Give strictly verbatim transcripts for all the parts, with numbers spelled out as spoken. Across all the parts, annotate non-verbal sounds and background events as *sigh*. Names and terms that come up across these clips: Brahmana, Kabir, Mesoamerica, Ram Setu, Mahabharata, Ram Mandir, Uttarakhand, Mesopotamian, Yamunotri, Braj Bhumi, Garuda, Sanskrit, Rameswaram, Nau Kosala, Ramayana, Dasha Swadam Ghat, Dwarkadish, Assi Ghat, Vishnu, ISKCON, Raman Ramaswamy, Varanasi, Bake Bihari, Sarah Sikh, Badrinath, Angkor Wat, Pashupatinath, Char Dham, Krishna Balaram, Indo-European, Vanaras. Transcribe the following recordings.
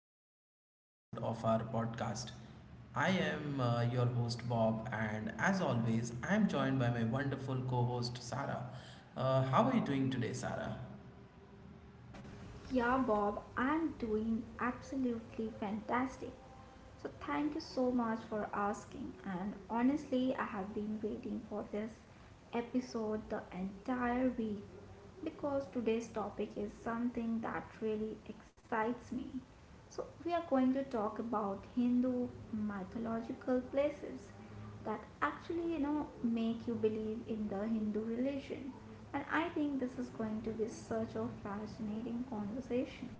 exciting episode of our podcast. I am uh, your host, Bob, and as always, I am joined by my wonderful co host, Sarah. Uh, how are you doing today, Sarah? Yeah, Bob, I'm doing absolutely fantastic. So, thank you so much for asking. And honestly, I have been waiting for this episode the entire week because today's topic is something that really excites me. So, we are going to talk about Hindu mythological places that actually you know make you believe in the hindu religion, and I think this is going to be such a fascinating conversation.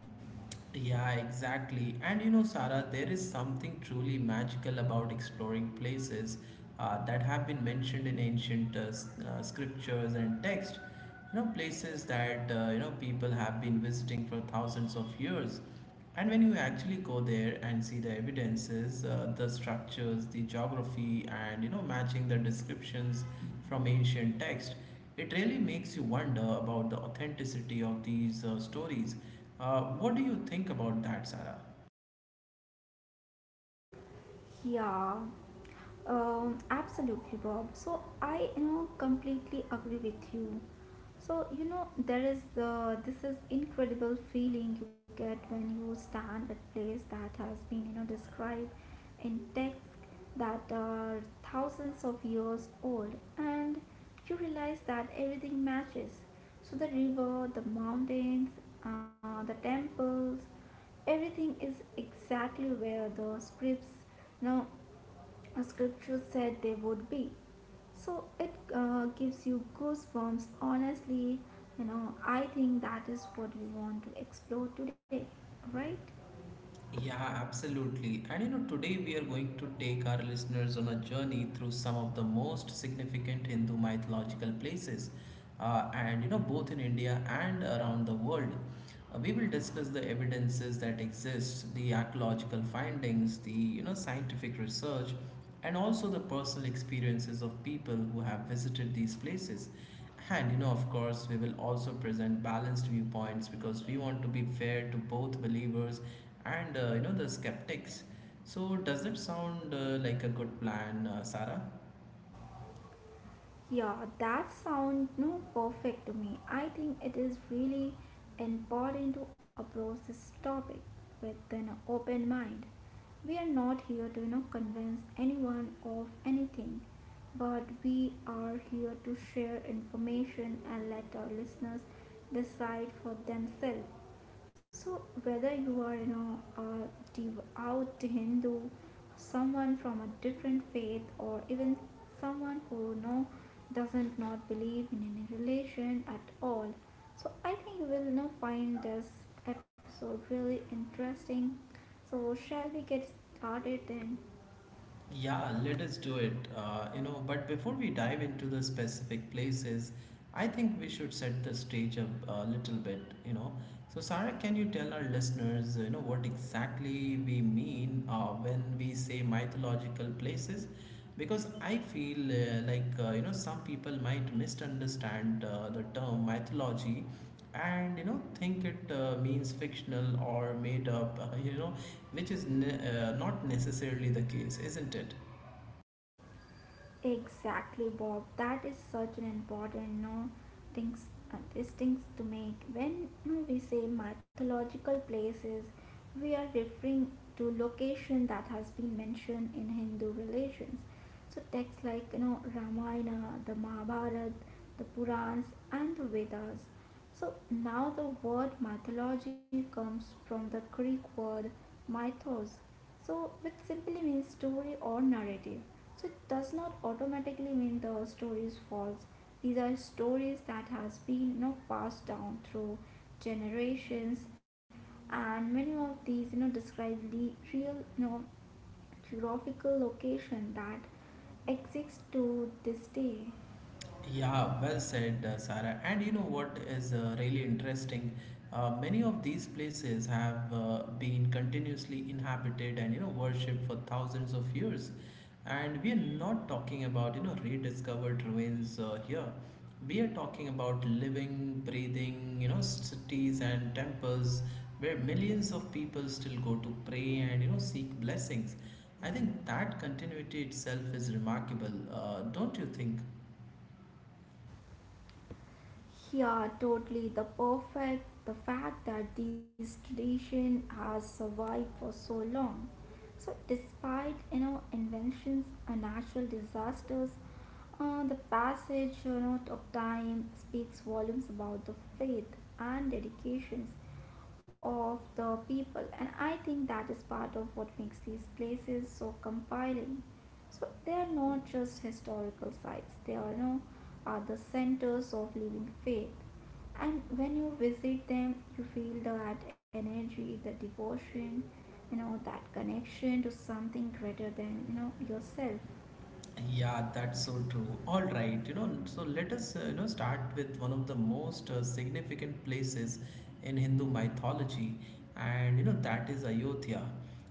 Yeah, exactly. And you know, Sarah, there is something truly magical about exploring places uh, that have been mentioned in ancient uh, s- uh, scriptures and text. You know, places that uh, you know people have been visiting for thousands of years. And when you actually go there and see the evidences, uh, the structures, the geography, and you know, matching the descriptions from ancient text, it really makes you wonder about the authenticity of these uh, stories. Uh, what do you think about that, Sarah? Yeah, um absolutely, Bob. So i, you know completely agree with you. So you know there is, uh, this is incredible feeling you get when you stand at place that has been you know described and texts that are thousands of years old, and you realize that everything matches. So, the river, the mountains, uh, the temples, everything is exactly where the scripts, no, uh, scriptures said they would be. So it uh, gives you goosebumps. Honestly, you know, I think that is what we want to explore today, right? Yeah, absolutely. And you know, today we are going to take our listeners on a journey through some of the most significant Hindu mythological places, uh, and you know, both in India and around the world. Uh, we will discuss the evidences that exist, the archaeological findings, the you know, scientific research, and also the personal experiences of people who have visited these places. And you know, of course, we will also present balanced viewpoints because we want to be fair to both believers and uh, you know the skeptics. So, does that sound uh, like a good plan, uh, Sarah? Yeah, that sound no perfect to me. I think it is really important to approach this topic with an open mind. We are not here to, you know, convince anyone of anything, but we are here to share information and let our listeners decide for themselves. So, whether you are, you know, a devout Hindu, someone from a different faith, or even someone who you know doesn't not believe in any religion at all, so I think you will, you know, find this episode really interesting. So, shall we get started then? Yeah, let us do it. Uh, you know, but before we dive into the specific places, I think we should set the stage up a little bit, you know. So, Sarah, can you tell our listeners, you know, what exactly we mean uh, when we say mythological places? Because I feel uh, like, uh, you know, some people might misunderstand uh, the term mythology and you know think it uh, means fictional or made up uh, you know, which is ne- uh, not necessarily the case, isn't it? Exactly, Bob. That is such an important no things, uh, distinct to make. When no, we say mythological places, we are referring to location that has been mentioned in Hindu religions. So texts like you know Ramayana, the Mahabharata, the Purans, and the Vedas. So now the word mythology comes from the Greek word mythos, so, which simply means story or narrative. So, it does not automatically mean the story is false. These are stories that has been, you know, passed down through generations, and many of these you know describe the real you know geographical location that exists to this day. Yeah, well said, uh, Sarah. And you know what is uh, really interesting? Uh, many of these places have uh, been continuously inhabited and you know worshipped for thousands of years. And we are not talking about you know rediscovered ruins uh, here. We are talking about living, breathing, you know, cities and temples where millions of people still go to pray and you know seek blessings. I think that continuity itself is remarkable, uh, don't you think? Yeah, totally. The perfect, the fact that this tradition has survived for so long. So, despite you know inventions and natural disasters, uh, the passage you know of time speaks volumes about the faith and dedications of the people, and I think that is part of what makes these places so compelling. So they are not just historical sites, they are, you know, are the centers of living faith. And when you visit them, you feel that energy, the devotion, you know, that connection to something greater than, you know, yourself. Yeah, that's so true. All right, you know, so let us, uh, you know, start with one of the most uh, significant places in Hindu mythology, and you know, that is Ayodhya.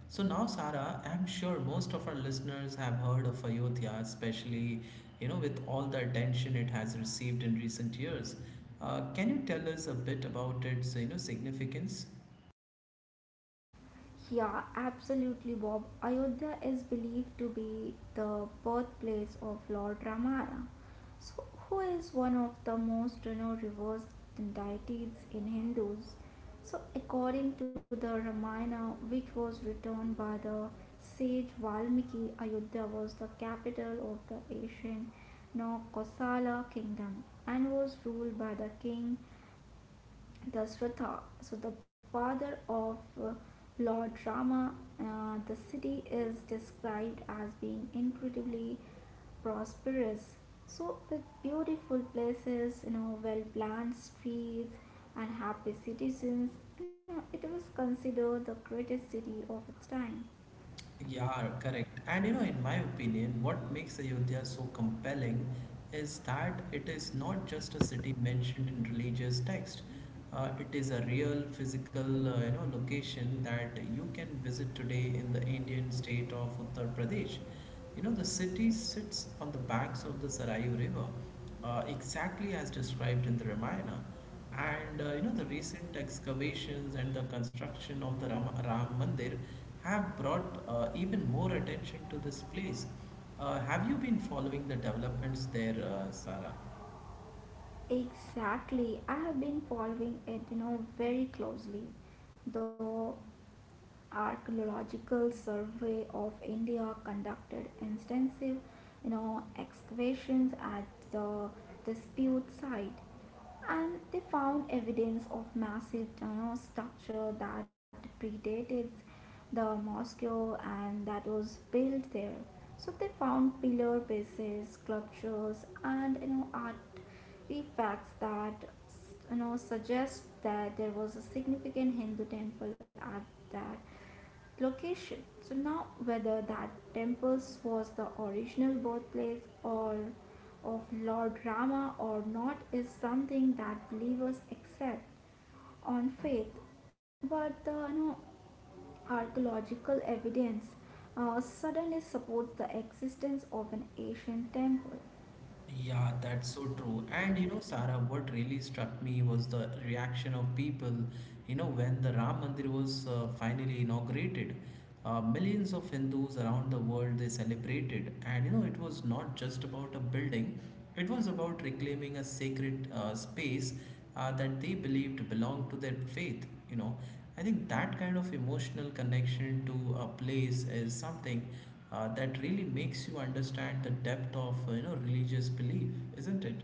So now, Sara, I'm sure most of our listeners have heard of Ayodhya, especially, you know, with all the attention it has received in recent years. Uh, can you tell us a bit about its, you know, significance? Yeah, absolutely, Bob. Ayodhya is believed to be the birthplace of Lord Ramayana, so who is one of the most renowned reversed deities in Hindus. So, according to the Ramayana, which was written by the sage Valmiki, Ayodhya was the capital of the ancient Nau Kosala kingdom and was ruled by the king the Swata, so the father of uh, Lord Rama. Uh, the city is described as being incredibly prosperous. So, with beautiful places, you know, well planned streets, and happy citizens, you know, it was considered the greatest city of its time. Yeah, correct. And you know, in my opinion, what makes Ayodhya so compelling is that it is not just a city mentioned in religious text. Uh, it is a real physical, uh, you know, location that you can visit today in the Indian state of Uttar Pradesh. You know, the city sits on the banks of the Sarayu River, uh, exactly as described in the Ramayana. And uh, you know, the recent excavations and the construction of the Ram, Ram Mandir have brought uh, even more attention to this place. Uh, have you been following the developments there, uh, Sarah? Exactly, I have been following it, you know, very closely, though Archaeological Survey of India conducted extensive, you know, excavations at the dispute site, and they found evidence of massive tunnel structure that predated the mosque and that was built there. So they found pillar bases, sculptures, and you know artifacts that you know suggest that there was a significant Hindu temple at that location. So now whether that temples was the original birthplace or of Lord Rama or not is something that believers accept on faith, but the, you know, archaeological evidence uh, suddenly supports the existence of an ancient temple. Yeah, that's so true. And you know, Sarah, what really struck me was the reaction of people, you know, when the Ram Mandir was uh, finally inaugurated. Uh, millions of Hindus around the world they celebrated, and you know, it was not just about a building, it was about reclaiming a sacred uh, space uh, that they believed belonged to their faith, you know. I think that kind of emotional connection to a place is something uh, that really makes you understand the depth of uh, you know religious belief, isn't it?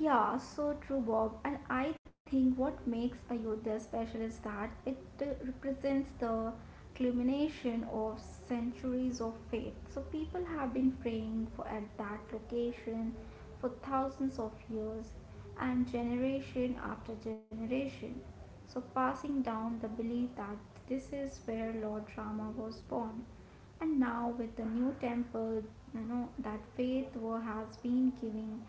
Yeah, so true, Bob. And I think what makes Ayodhya special is that it uh, represents the culmination of centuries of faith. So people have been praying for at that location for thousands of years and generation after generation. So passing down the belief that this is where Lord Rama was born. And now with the new temple, you know, that faith wa- has been giving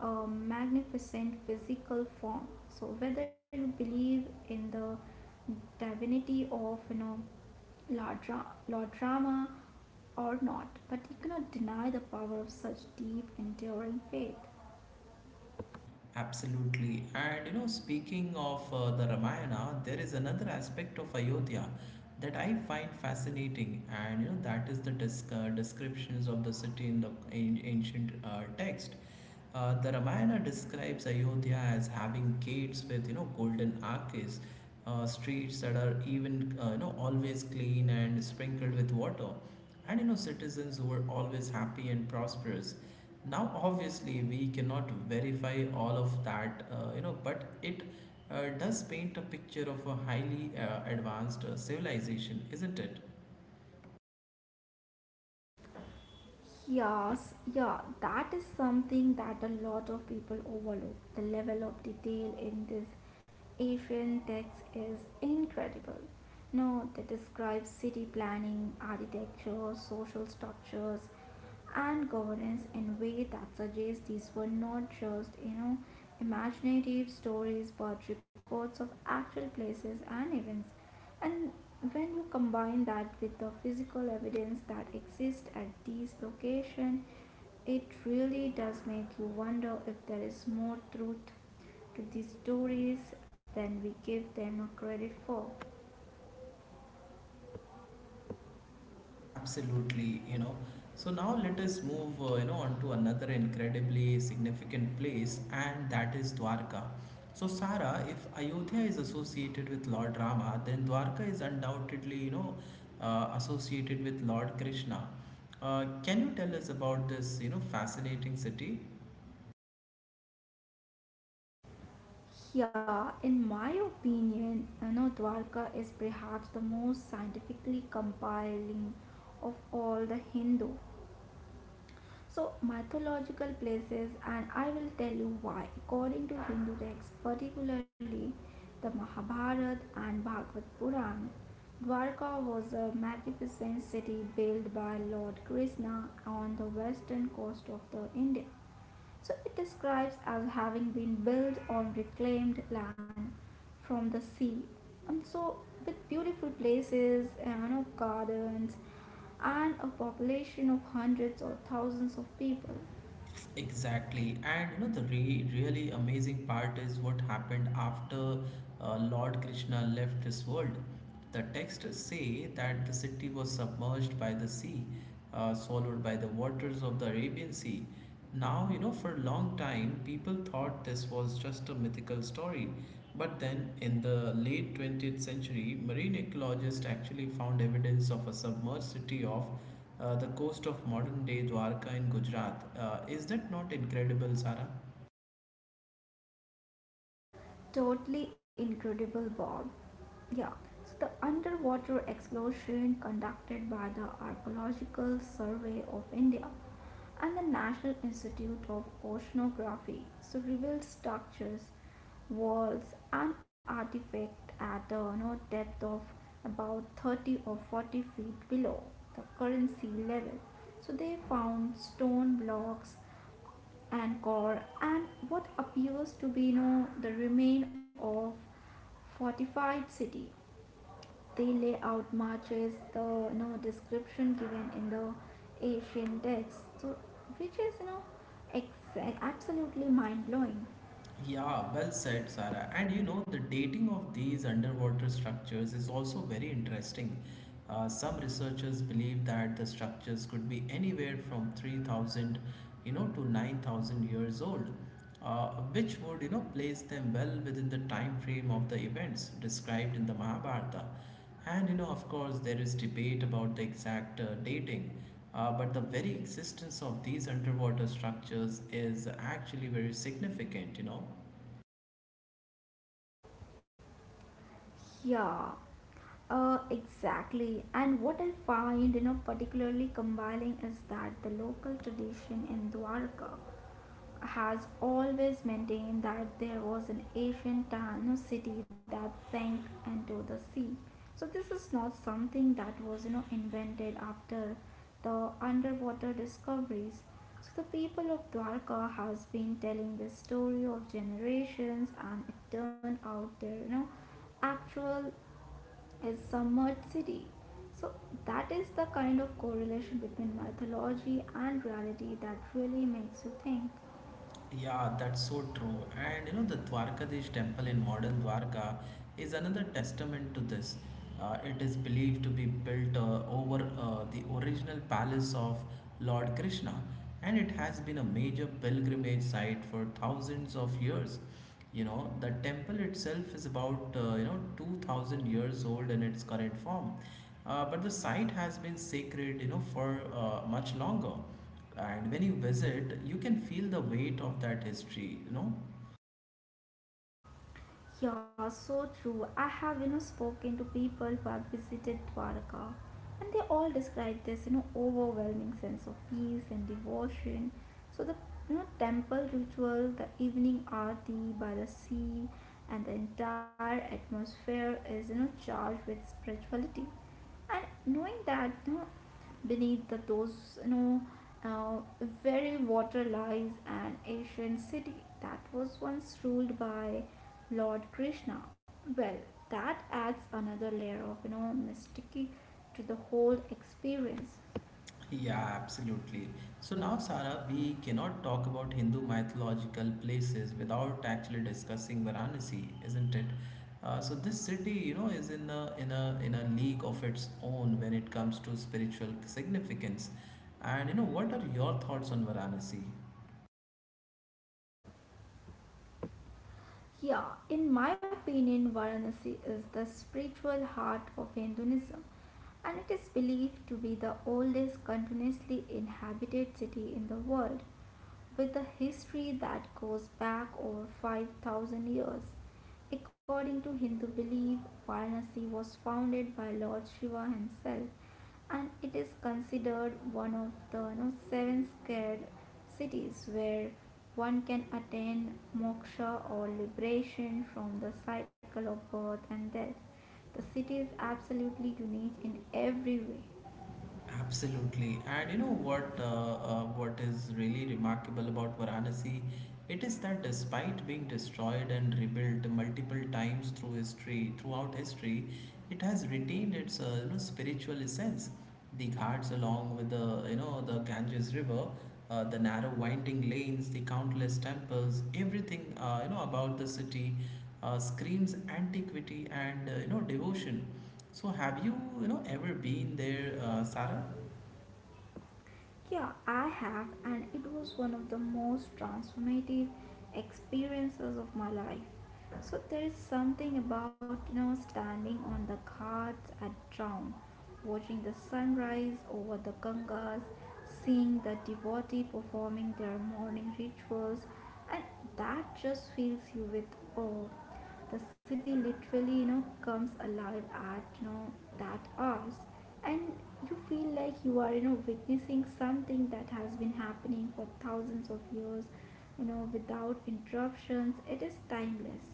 a magnificent physical form. So whether you believe in the divinity of you know Lord Ra- Lord Rama, or not, but you cannot deny the power of such deep, enduring faith. Absolutely. And you know, speaking of uh, the Ramayana, there is another aspect of Ayodhya that I find fascinating, and you know, that is the disc- uh, descriptions of the city in the an- ancient uh, text. Uh, the Ramayana describes Ayodhya as having gates with you know golden arches, uh, streets that are even uh, you know always clean and sprinkled with water, and you know citizens who were always happy and prosperous. Now obviously we cannot verify all of that, uh, you know, but it uh, does paint a picture of a highly uh, advanced uh, civilization, isn't it? Yes, yeah, that is something that a lot of people overlook. The level of detail in this Asian text is incredible. No, they describe city planning, architecture, social structures, and governance in way that suggests these were not just, you know, imaginative stories but records of actual places and events. And when you combine that with the physical evidence that exists at these locations, it really does make you wonder if there is more truth to these stories than we give them credit for. Absolutely, you know. So now let us move, uh, you know, on to another incredibly significant place, and that is Dwarka. So, Sara, if Ayodhya is associated with Lord Rama, then Dwarka is undoubtedly, you know, uh, associated with Lord Krishna. Uh, can you tell us about this, you know, fascinating city? Here, in my opinion, you know, Dwarka is perhaps the most scientifically compelling of all the Hindu, so, mythological places, and I will tell you why. According to Hindu texts, particularly the Mahabharata and Bhagavad Puran, Dwarka was a magnificent city built by Lord Krishna on the western coast of the India. So it describes as having been built on reclaimed land from the sea. And so with beautiful places, you know, gardens and a population of hundreds or thousands of people. Exactly, and you know the re- really amazing part is what happened after uh, Lord Krishna left this world. The texts say that the city was submerged by the sea, uh, swallowed by the waters of the Arabian Sea. Now, you know, for a long time, people thought this was just a mythical story. But then, in the late twentieth century, marine ecologists actually found evidence of a submerged city of uh, the coast of modern day Dwarka in Gujarat. Uh, is that not incredible, Sara? Totally incredible, Bob. Yeah, so the underwater exploration conducted by the Archaeological Survey of India and the National Institute of Oceanography so revealed structures, walls, and artifacts at a, you know, depth of about thirty or forty feet below the current sea level. So they found stone blocks, Angkor and what appears to be, you know, the remain of fortified city. They lay out matches the, you know, description given in the ancient texts, so which is you know ex- absolutely mind blowing. Yeah, well said, Sara. And you know, the dating of these underwater structures is also very interesting. Uh, some researchers believe that the structures could be anywhere from three thousand, you know, to nine thousand years old, uh, which would, you know, place them well within the time frame of the events described in the Mahabharata. And you know, of course, there is debate about the exact uh, dating, uh, but the very existence of these underwater structures is actually very significant, you know. Yeah, uh, exactly. And what I find, you know, particularly compelling is that the local tradition in Dwarka has always maintained that there was an ancient town or city that sank into the sea. So this is not something that was you know invented after the underwater discoveries. So the people of Dwarka has been telling this story of generations and it turned out their you know actual is submerged city. So that is the kind of correlation between mythology and reality that really makes you think. Yeah, that's so true. And you know, the Dwarkadish temple in modern Dwarka is another testament to this. Uh, it is believed to be built uh, over uh, the original palace of Lord Krishna, and it has been a major pilgrimage site for thousands of years. You know, the temple itself is about uh, you know two thousand years old in its current form, uh, but the site has been sacred you know for uh, much longer, and when you visit, you can feel the weight of that history, you know? Yeah, so true. I have, you know, spoken to people who have visited Dwarka and they all describe this, you know, overwhelming sense of peace and devotion. So the you know temple ritual, the evening aarti by the sea and the entire atmosphere is, you know, charged with spirituality. And knowing that, you know, beneath the those, you know, uh, very water lies an ancient city that was once ruled by Lord Krishna. Well, that adds another layer of you know mysticy to the whole experience. Yeah, absolutely. So now, Sarah, we cannot talk about Hindu mythological places without actually discussing Varanasi, isn't it? Uh, so this city, you know, is in a in a in a league of its own when it comes to spiritual significance. And you know, what are your thoughts on Varanasi? Yeah, in my opinion, Varanasi is the spiritual heart of Hinduism and it is believed to be the oldest continuously inhabited city in the world with a history that goes back over five thousand years. According to Hindu belief, Varanasi was founded by Lord Shiva himself and it is considered one of the, you know, seven sacred cities where one can attain moksha or liberation from the cycle of birth and death. The city is absolutely unique in every way. Absolutely, and you know what? Uh, uh, what is really remarkable about Varanasi, it is that despite being destroyed and rebuilt multiple times through history, throughout history, it has retained its uh, you know spiritual essence. The ghats, along with the you know the Ganges River, uh, the narrow winding lanes, the countless temples, everything uh, you know about the city uh, screams antiquity and uh, you know devotion. So have you, you know, ever been there, uh, Sarah? Yeah, I have, and it was one of the most transformative experiences of my life. So there is something about you know standing on the ghats at dawn, watching the sunrise over the Gangas, seeing the devotee performing their morning rituals, and that just fills you with awe. The city literally, you know, comes alive at you know that hours, and you feel like you are, you know, witnessing something that has been happening for thousands of years, you know, without interruptions. It is timeless.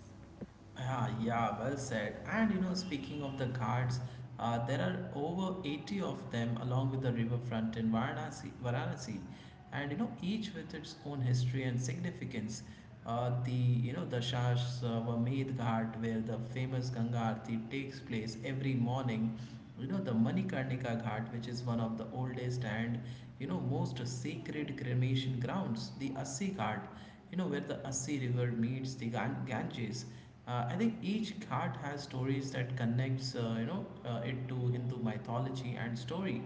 Ah, yeah, well said. And you know, speaking of the ghats, uh, there are over eighty of them along with the riverfront in Varanasi, Varanasi, and you know, each with its own history and significance. Uh, the you know the Shashwamed Ghat, where the famous Ganga Aarti takes place every morning. You know the Manikarnika Ghat, which is one of the oldest and you know most sacred cremation grounds. The Assi Ghat, you know where the Assi River meets the Gan- Ganges. Uh, I think each card has stories that connects, uh, you know, uh, it to Hindu mythology and story.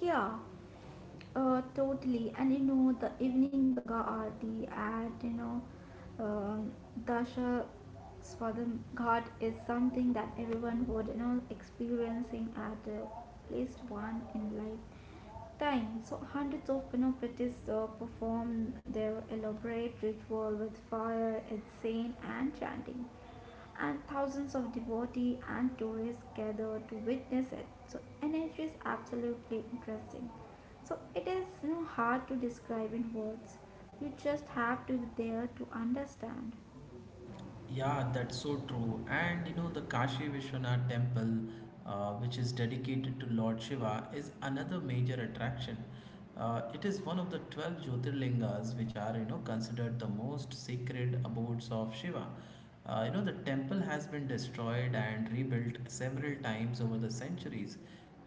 Yeah, uh, totally. And you know, the evening Ganga Aarti at, you know, um Dasha Swadam Ghat is something that everyone would, you know, experiencing at uh, least one in life time. So hundreds of Panoplites uh, perform their elaborate ritual with fire, incense, and chanting, and thousands of devotees and tourists gather to witness it. So energy is absolutely interesting. So it is, you know, hard to describe in words. You just have to be there to understand. Yeah, that's so true. And you know, the Kashi Vishwanath temple, uh, which is dedicated to Lord Shiva, is another major attraction. Uh, it is one of the twelve Jyotirlingas, which are, you know, considered the most sacred abodes of Shiva. Uh, you know, the temple has been destroyed and rebuilt several times over the centuries,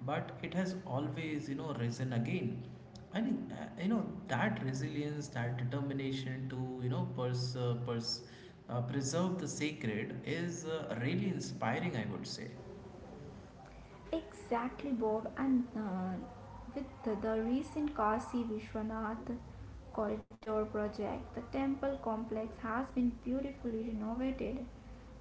but it has always, you know, risen again. I think, uh, you know, that resilience, that determination to, you know, pers- uh, pers- uh, preserve the sacred is uh, really inspiring, I would say. Exactly, Bob. And uh, with the, the recent Kashi Vishwanath corridor project, the temple complex has been beautifully renovated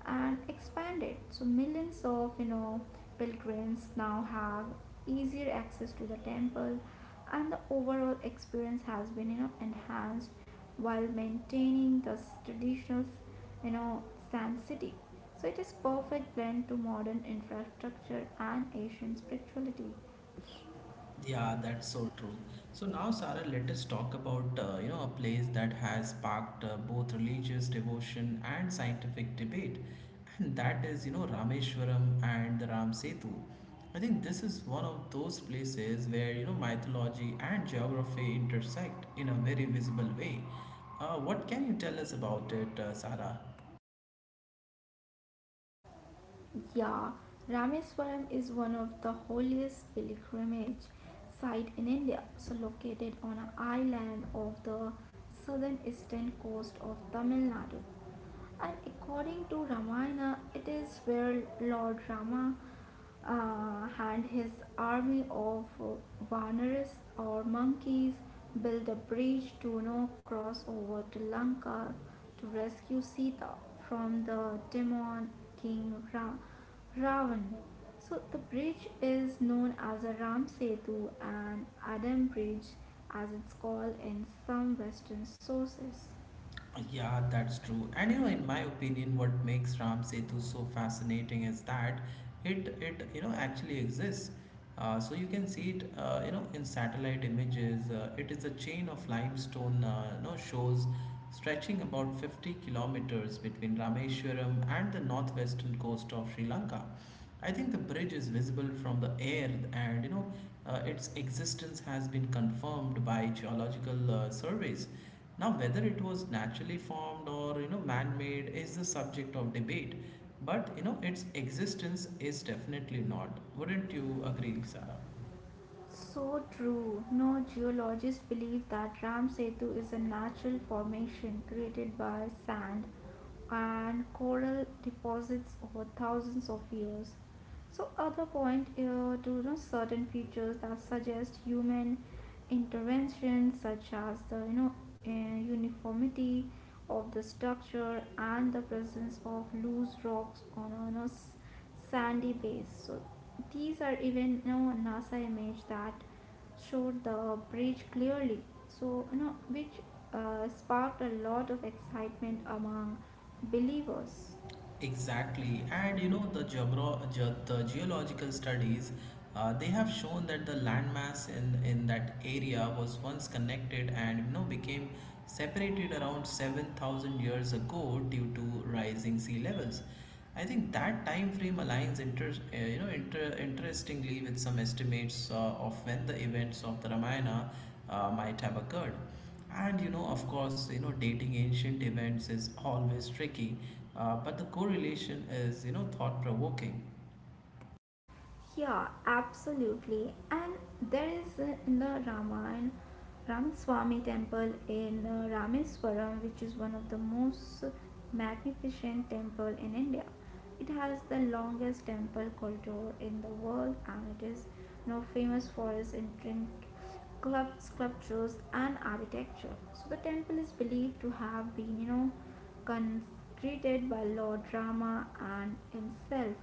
and expanded. So millions of you know pilgrims now have easier access to the temple, and the overall experience has been you know enhanced while maintaining the traditional you know sanctity. So it is perfect blend to modern infrastructure and Asian spirituality. Yeah, that's so true. So now, Sarah, let us talk about uh, you know a place that has sparked uh, both religious devotion and scientific debate, and that is you know Rameshwaram and the Ram Setu. I think this is one of those places where you know mythology and geography intersect in a very visible way. Uh, What can you tell us about it, uh, Sarah? Yeah, Rameswaram is one of the holiest pilgrimage site in India, so located on an island off the southern eastern coast of Tamil Nadu. And according to Ramayana, it is where Lord Rama uh, and his army of Vanaras or monkeys built a bridge to no cross over to Lanka to rescue Sita from the demon king Ra- Ravan. So the bridge is known as a Ram Setu and Adam Bridge as it's called in some western sources. Yeah, that's true. And you know, in my opinion, what makes Ram Setu so fascinating is that it it you know actually exists. Uh, so you can see it uh, you know in satellite images. Uh, it is a chain of limestone uh, you know shows stretching about fifty kilometers between Rameshwaram and the northwestern coast of Sri Lanka. I think the bridge is visible from the air, and you know uh, its existence has been confirmed by geological uh, surveys. Now, whether it was naturally formed or you know man-made is the subject of debate, but you know its existence is definitely not. Wouldn't you agree, Sarah? So true. No, geologists believe that Ram Setu is a natural formation created by sand and coral deposits over thousands of years. So, other point uh, to, you know, certain features that suggest human intervention, such as the you know uh, uniformity of the structure and the presence of loose rocks on a, you know, s- sandy base. So, these are even, you know, NASA image that showed the bridge clearly. So you know which uh, sparked a lot of excitement among believers. Exactly, and you know the geogro- ge- the geological studies, uh, they have shown that the landmass in in that area was once connected and you know became separated around seven thousand years ago due to rising sea levels. I think that time frame aligns inter- uh, you know inter- interestingly with some estimates uh, of when the events of the Ramayana uh, might have occurred. And you know, of course, you know, dating ancient events is always tricky, uh, but the correlation is, you know, thought provoking. Yeah, absolutely. And there is, uh, in the Raman Ramaswamy temple in uh, Rameswaram, which is one of the most magnificent temple in India. It has the longest temple corridor in the world, and it is, you know, famous for its intricate club sculptures and architecture. So the temple is believed to have been, you know, consecrated by Lord Rama and himself.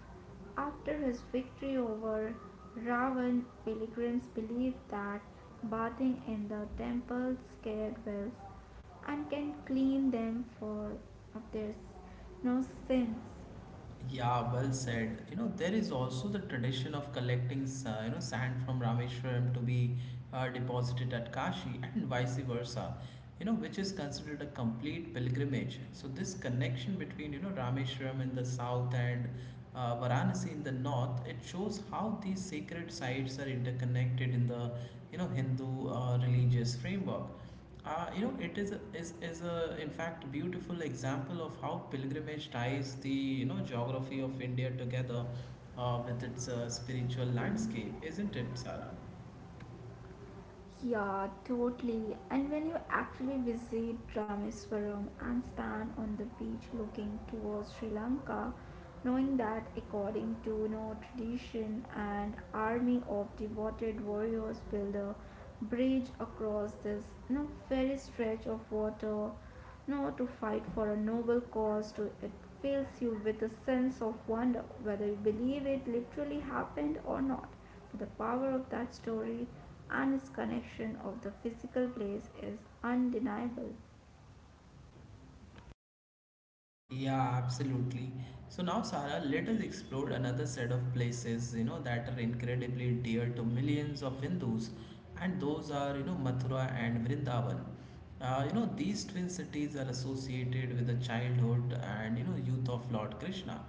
After his victory over Ravan, pilgrims believe that bathing in the temple's sacred wells and can clean them for of their no sins. Yeah, well said. You know, there is also the tradition of collecting, sa- you know, sand from Rameshwaram to be uh, deposited at Kashi and vice versa, you know, which is considered a complete pilgrimage. So this connection between, you know, Rameshwaram in the south and uh, Varanasi in the north, it shows how these sacred sites are interconnected in the, you know, Hindu uh, religious framework. Uh, you know, it is a, is, is a, in fact, beautiful example of how pilgrimage ties the, you know, geography of India together uh, with its uh, spiritual landscape, isn't it, Sarah? Yeah, totally. And when you actually visit Rameswaram and stand on the beach looking towards Sri Lanka, knowing that according to, you know, tradition, an army of devoted warriors build a bridge across this, you know, very stretch of water nor to fight for a noble cause. To, it fills you with a sense of wonder whether you believe it literally happened or not. But the power of that story and its connection of the physical place is undeniable. Yeah, absolutely. So now, Sarah, let us explore another set of places, you know, that are incredibly dear to millions of Hindus, and those are, you know, Mathura and Vrindavan. Uh, you know, these twin cities are associated with the childhood and, you know, youth of Lord Krishna.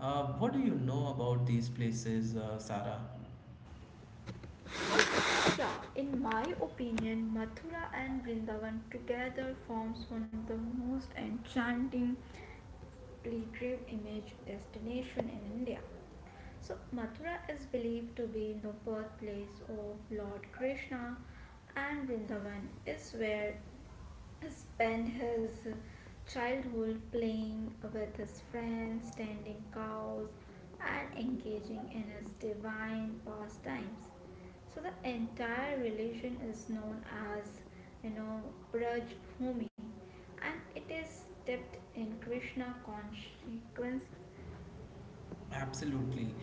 Uh, what do you know about these places, uh, Sarah? Yeah, in my opinion, Mathura and Vrindavan together forms one of the most enchanting pilgrim image destination in India. So Mathura is believed to be the birthplace of Lord Krishna and Vrindavan is where spent his childhood playing with his friends, tending cows, and engaging in his divine pastimes. So the entire religion is known as, you know, Braj Bhumi, and it is steeped in Krishna consciousness. Absolutely.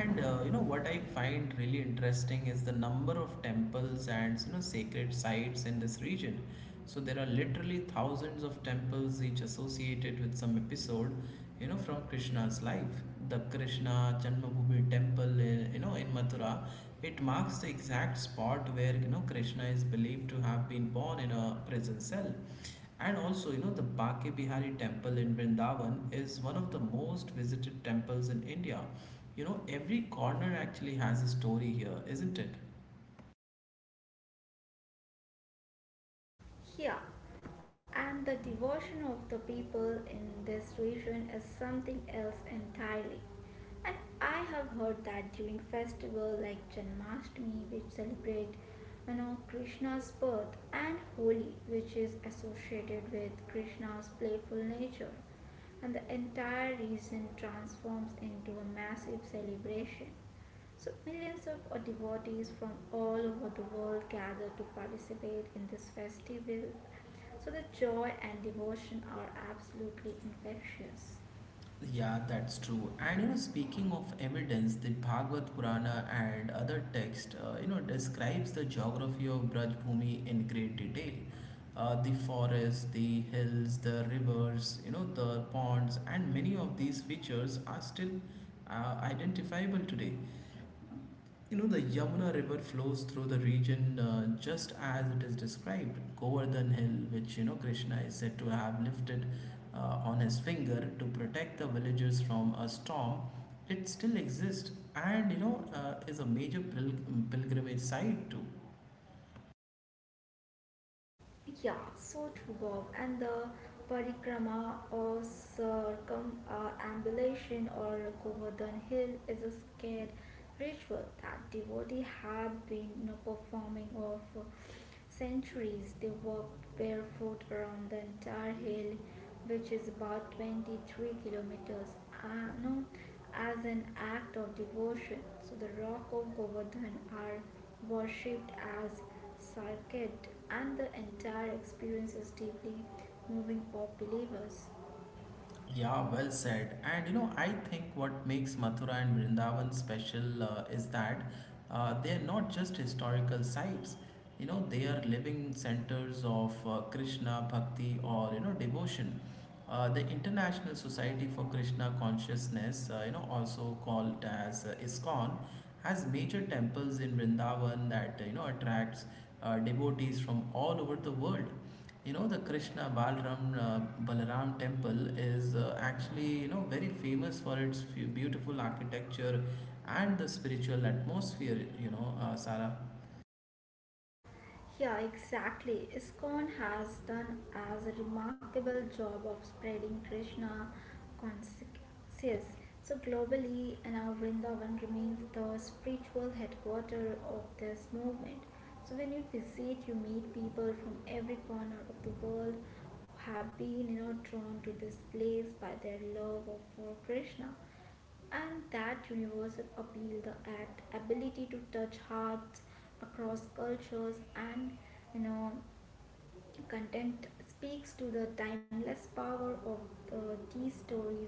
And uh, you know what I find really interesting is the number of temples and you know sacred sites in this region. So there are literally thousands of temples each associated with some episode, you know, from Krishna's life. The Krishna Janmabhoomi temple in, you know in Mathura, it marks the exact spot where you know Krishna is believed to have been born in a prison cell. And also, you know, the Bake Bihari temple in Vrindavan is one of the most visited temples in India. You know, every corner actually has a story here, isn't it? Yeah, and the devotion of the people in this region is something else entirely. And I have heard that during festivals like Janmashtami, which celebrate, you know, Krishna's birth, and Holi, which is associated with Krishna's playful nature, and the entire region transforms into a massive celebration. So, millions of devotees from all over the world gather to participate in this festival. So, the joy and devotion are absolutely infectious. Yeah, that's true. And you know, speaking of evidence, the Bhagavad Purana and other text, uh, you know, describes the geography of Brajbhumi in great detail. Uh, the forests, the hills, the rivers, you know, the ponds, and many of these features are still uh, identifiable today. You know, the Yamuna River flows through the region uh, just as it is described. Govardhan Hill, which you know Krishna is said to have lifted uh, on his finger to protect the villagers from a storm, it still exists and you know uh, is a major pil- pilgrimage site too. Yeah, so true, Bob. And the parikrama or circumambulation or Govardhan hill is a scared ritual that devotees have been, you know, performing of for centuries. They walk barefoot around the entire hill, which is about twenty-three kilometers, uh, no, as an act of devotion. So the rock of Govardhan are worshipped as circuit, and the entire experience is deeply moving for believers. Yeah, well said. And you know, I think what makes Mathura and Vrindavan special uh, is that uh, they are not just historical sites. You know, they are living centers of uh, Krishna bhakti or you know devotion. Uh, the International Society for Krishna Consciousness, uh, you know, also called as uh, ISKCON, has major temples in Vrindavan that uh, you know attracts uh, devotees from all over the world. You know, the Krishna Balaram uh, Balaram temple is uh, actually, you know, very famous for its few beautiful architecture and the spiritual atmosphere, you know, uh, Sarah. Yeah, exactly. ISKCON has done as a remarkable job of spreading Krishna consciousness. So globally, and now Vrindavan remains the spiritual headquarters of this movement. So when you visit, you meet people from every corner of the world who have been, you know, drawn to this place by their love of for Krishna. And that universal appeal, the act, ability to touch hearts across cultures and, you know, content speaks to the timeless power of the, these stories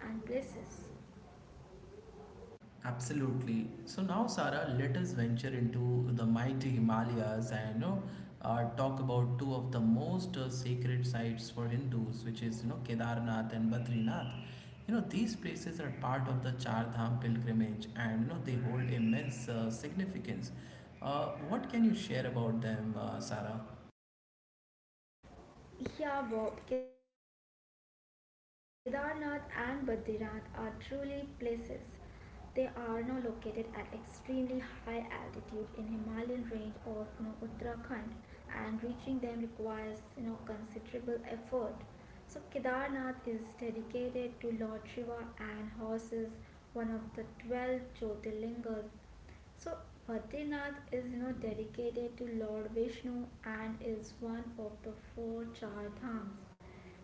and places. Absolutely. So now, Sarah, let us venture into the mighty Himalayas and you know, uh, talk about two of the most uh, sacred sites for Hindus, which is you know Kedarnath and Badrinath. You know these places are part of the Char Dham pilgrimage, and you know they hold immense uh, significance. Uh, what can you share about them, uh, Sarah? Yeah, Bob, Kedarnath and Badrinath are truly places. They are now located at extremely high altitude in Himalayan range of, you know, Uttarakhand, and reaching them requires, you know, considerable effort. So Kedarnath is dedicated to Lord Shiva and houses one of the twelve Jyotirlingas. So Badrinath is, you know, dedicated to Lord Vishnu and is one of the four Char Dhams.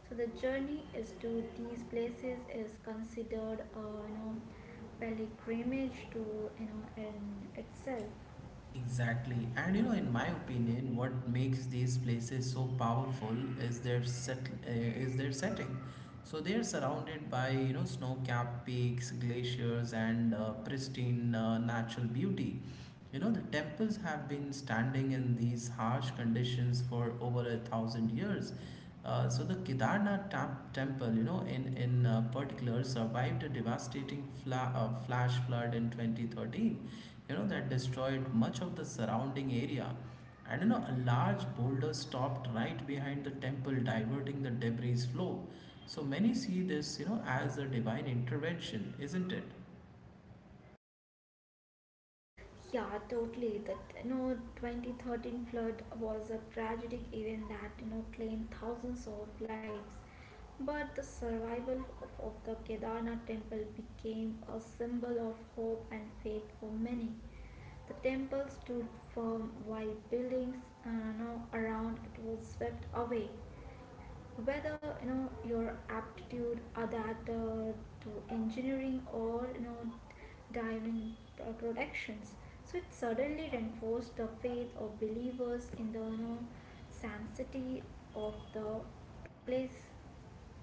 So the journey is to these places is considered a, you know, pilgrimage to, you know, in itself. Exactly. And you know, in my opinion, what makes these places so powerful is their set uh, is their setting. So they are surrounded by you know snow-capped peaks, glaciers, and uh, pristine uh, natural beauty. You know, the temples have been standing in these harsh conditions for over a thousand years, uh, so the Kedarnath tam- temple, you know, in in uh, particular, survived a devastating fla- uh, flash flood in twenty thirteen. You know that destroyed much of the surrounding area, and you know a large boulder stopped right behind the temple, diverting the debris flow. So many see this, you know, as a divine intervention, isn't it? Yeah, totally. That, you know, twenty thirteen flood was a tragic event that, you know, claimed thousands of lives. But the survival of, of the Kedarnath temple became a symbol of hope and faith for many. The temple stood firm while buildings, uh, you know, around it was swept away whether you know your aptitude or that uh, to engineering or, you know, dive in pro- productions. So it suddenly reinforced the faith of believers in the, you know, sanctity of the place.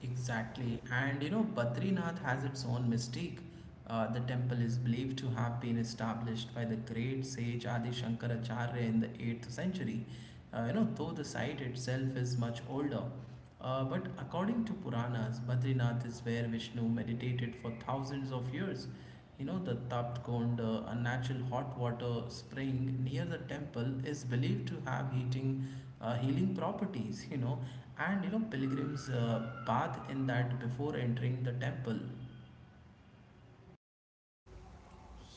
Exactly. And you know, Badrinath has its own mystique. Uh, the temple is believed to have been established by the great sage Adi Shankaracharya in the eighth century. Uh, you know, though the site itself is much older. Uh, but according to Puranas, Badrinath is where Vishnu meditated for thousands of years. You know, the Taptkond, uh, a natural hot water spring near the temple, is believed to have heating, uh, healing properties, you know, and you know, pilgrims uh, bathe in that before entering the temple.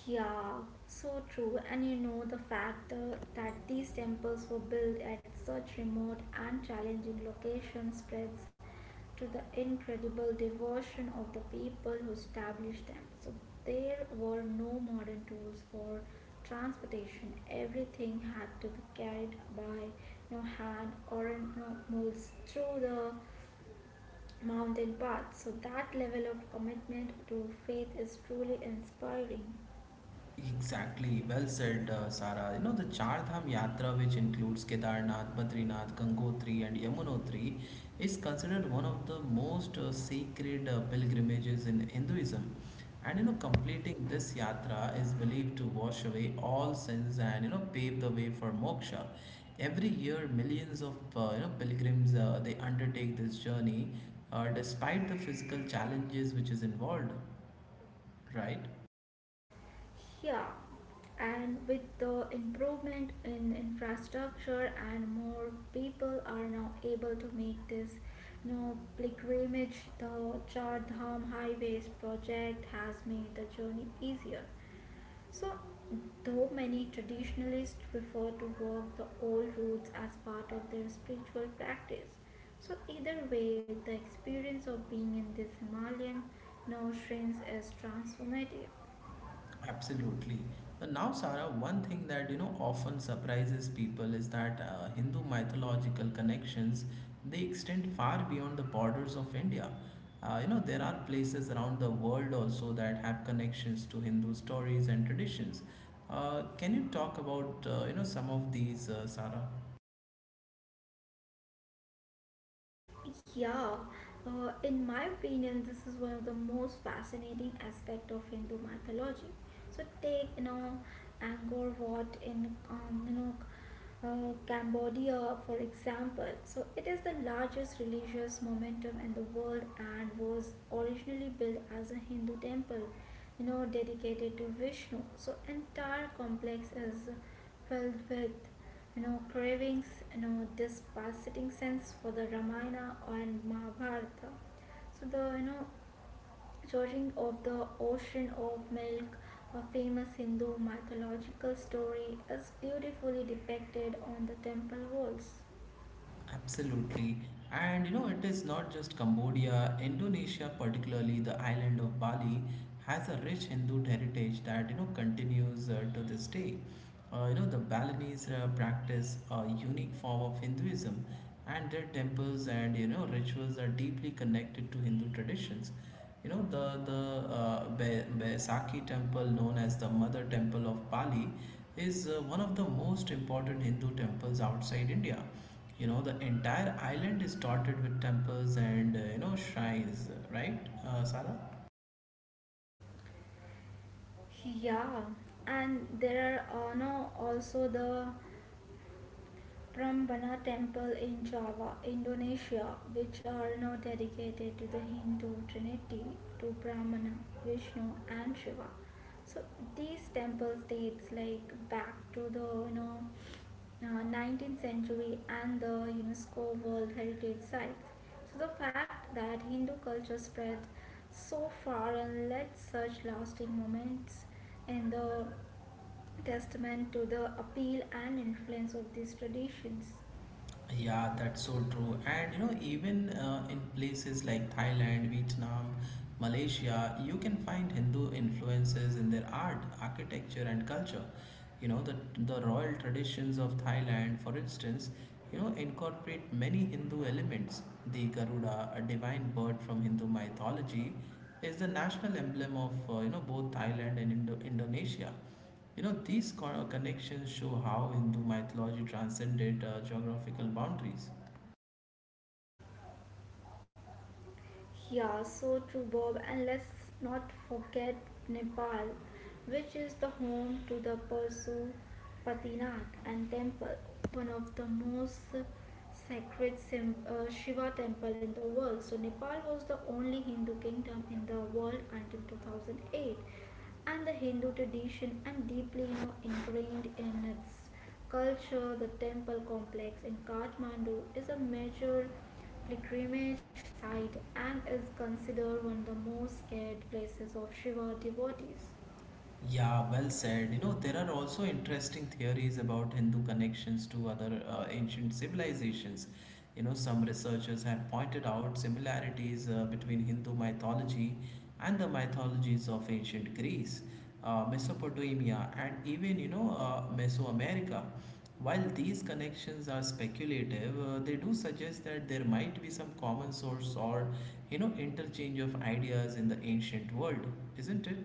Yeah, so true. And you know the fact uh, that these temples were built at such remote and challenging locations spreads to the incredible devotion of the people who established them. So there were no modern tools or transportation. Everything had to be carried by no hand or no mules through the mountain paths. So that level of commitment to faith is truly inspiring. Exactly, well said, uh, Sara. You know, the Char Dham Yatra, which includes Kedarnath, Badrinath, Gangotri, and Yamunotri, is considered one of the most uh, sacred uh, pilgrimages in Hinduism. And you know, completing this yatra is believed to wash away all sins and you know pave the way for moksha. Every year, millions of uh, you know pilgrims uh, they undertake this journey, uh, despite the physical challenges which is involved, right? Yeah, and with the improvement in infrastructure and more people are now able to make this, you know, pilgrimage, the Char Dham Highways project has made the journey easier. So, though many traditionalists prefer to walk the old routes as part of their spiritual practice, so either way, the experience of being in this Himalayan, you know, shrines is transformative. Absolutely. But now, Sarah, one thing that you know often surprises people is that uh, Hindu mythological connections they extend far beyond the borders of India. Uh, you know there are places around the world also that have connections to Hindu stories and traditions. Uh, can you talk about uh, you know some of these, uh, Sarah? Yeah, uh, in my opinion, this is one of the most fascinating aspect of Hindu mythology. So take, you know, Angkor Wat in, um, you know, uh, Cambodia, for example. So it is the largest religious momentum in the world and was originally built as a Hindu temple, you know, dedicated to Vishnu. So entire complex is filled with no cravings, no disparaging sense for the Ramayana and Mahabharata. So the, you know, churning of the ocean of milk, a famous Hindu mythological story, is beautifully depicted on the temple walls. Absolutely. And you know, it is not just Cambodia, Indonesia, particularly the island of Bali, has a rich Hindu heritage that you know continues uh, to this day. Uh, you know, the Balinese uh, practice a unique form of Hinduism, and their temples and you know rituals are deeply connected to Hindu traditions. You know, the the uh, Be- Baisakhi temple, known as the Mother Temple of Bali, is uh, one of the most important Hindu temples outside India. You know, the entire island is dotted with temples and, uh, you know, shrines, right, uh, Sara? Yeah, and there are uh, no, also the Brahmana temple in Java, Indonesia, which are now dedicated to the Hindu trinity, to Brahmana, Vishnu and Shiva. So these temple dates like back to the, you know uh, nineteenth century and the UNESCO World Heritage Sites. So, the fact that Hindu culture spread so far and led such lasting moments in the testament to the appeal and influence of these traditions. Yeah, that's so true. And you know, even uh, in places like Thailand, Vietnam, Malaysia, you can find Hindu influences in their art, architecture, and culture. You know, the, the royal traditions of Thailand, for instance, you know, incorporate many Hindu elements. The Garuda, a divine bird from Hindu mythology, is the national emblem of uh, you know both Thailand and Indo- Indonesia. You know, these co- connections show how Hindu mythology transcended uh, geographical boundaries. Yeah, so true, Bob. And let's not forget Nepal, which is the home to the Pashupatinath and temple, one of the most sacred sim- uh, Shiva temple in the world. So Nepal was the only Hindu kingdom in the world until two thousand eight, and the Hindu tradition and deeply, you know, ingrained in its culture, the temple complex in Kathmandu is a major pilgrimage site and is considered one of the most scared places of Shiva devotees. Yeah, well said. You know, there are also interesting theories about Hindu connections to other uh, ancient civilizations. You know, some researchers have pointed out similarities uh, between Hindu mythology and the mythologies of ancient Greece, uh, Mesopotamia, and even, you know, uh, Mesoamerica. While these connections are speculative, uh, they do suggest that there might be some common source or, you know, interchange of ideas in the ancient world, isn't it?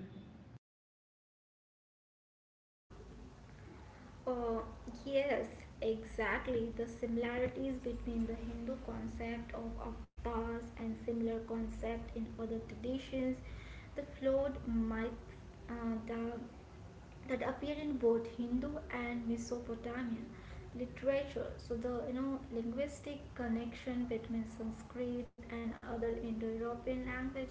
Uh, yes, exactly. The similarities between the Hindu concept of avatars and similar concept in other traditions, the flawed myth, uh, the that appear in both Hindu and Mesopotamian literature. So the, you know, linguistic connection between Sanskrit and other Indo-European languages,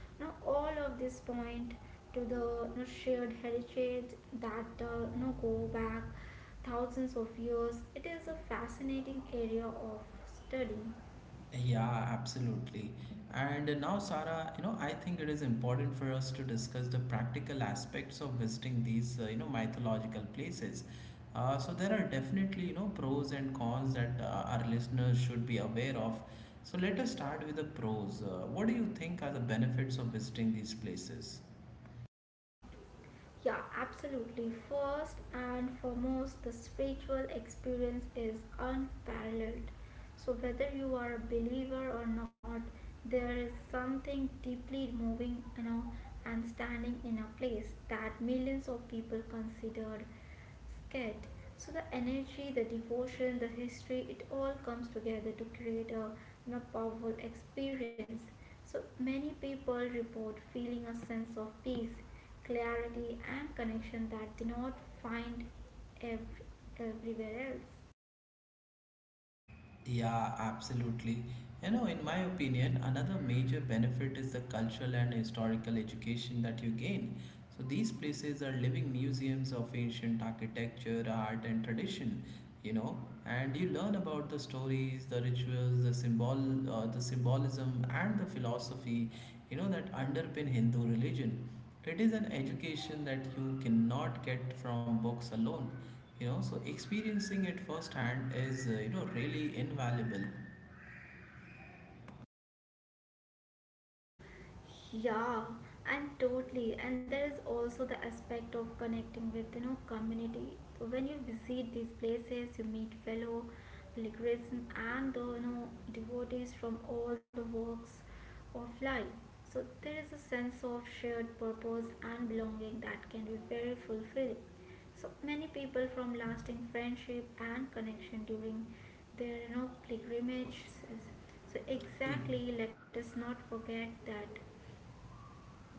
now all of this point to the, you know, shared heritage that, uh, you know, go back thousands of years. It is a fascinating area of study. Yeah, absolutely. And now, Sarah, you know, I think it is important for us to discuss the practical aspects of visiting these, uh, you know, mythological places. Uh, so there are definitely, you know, pros and cons that uh, our listeners should be aware of. So let us start with the pros. Uh, what do you think are the benefits of visiting these places? Yeah, absolutely. First and foremost, the spiritual experience is unparalleled. So, whether you are a believer or not, there is something deeply moving, you know, and standing in a place that millions of people considered scared. So the energy, the devotion, the history, it all comes together to create a, you know, powerful experience. So many people report feeling a sense of peace, clarity, and connection that they not find ev- everywhere else. Yeah, absolutely. You know, in my opinion, another major benefit is the cultural and historical education that you gain. So these places are living museums of ancient architecture, art, and tradition. You know, and you learn about the stories, the rituals, the symbol, uh, the symbolism, and the philosophy. You know that underpin Hindu religion, it is an education that you cannot get from books alone. You know, so experiencing it firsthand is uh, you know really invaluable. Yeah, and totally. And there is also the aspect of connecting with, you know, community. So when you visit these places, you meet fellow pilgrims and the, you know, devotees from all the walks of life. So there is a sense of shared purpose and belonging that can be very fulfilling. So many people from lasting friendship and connection during their, you know, pilgrimages. So exactly, let us not forget that.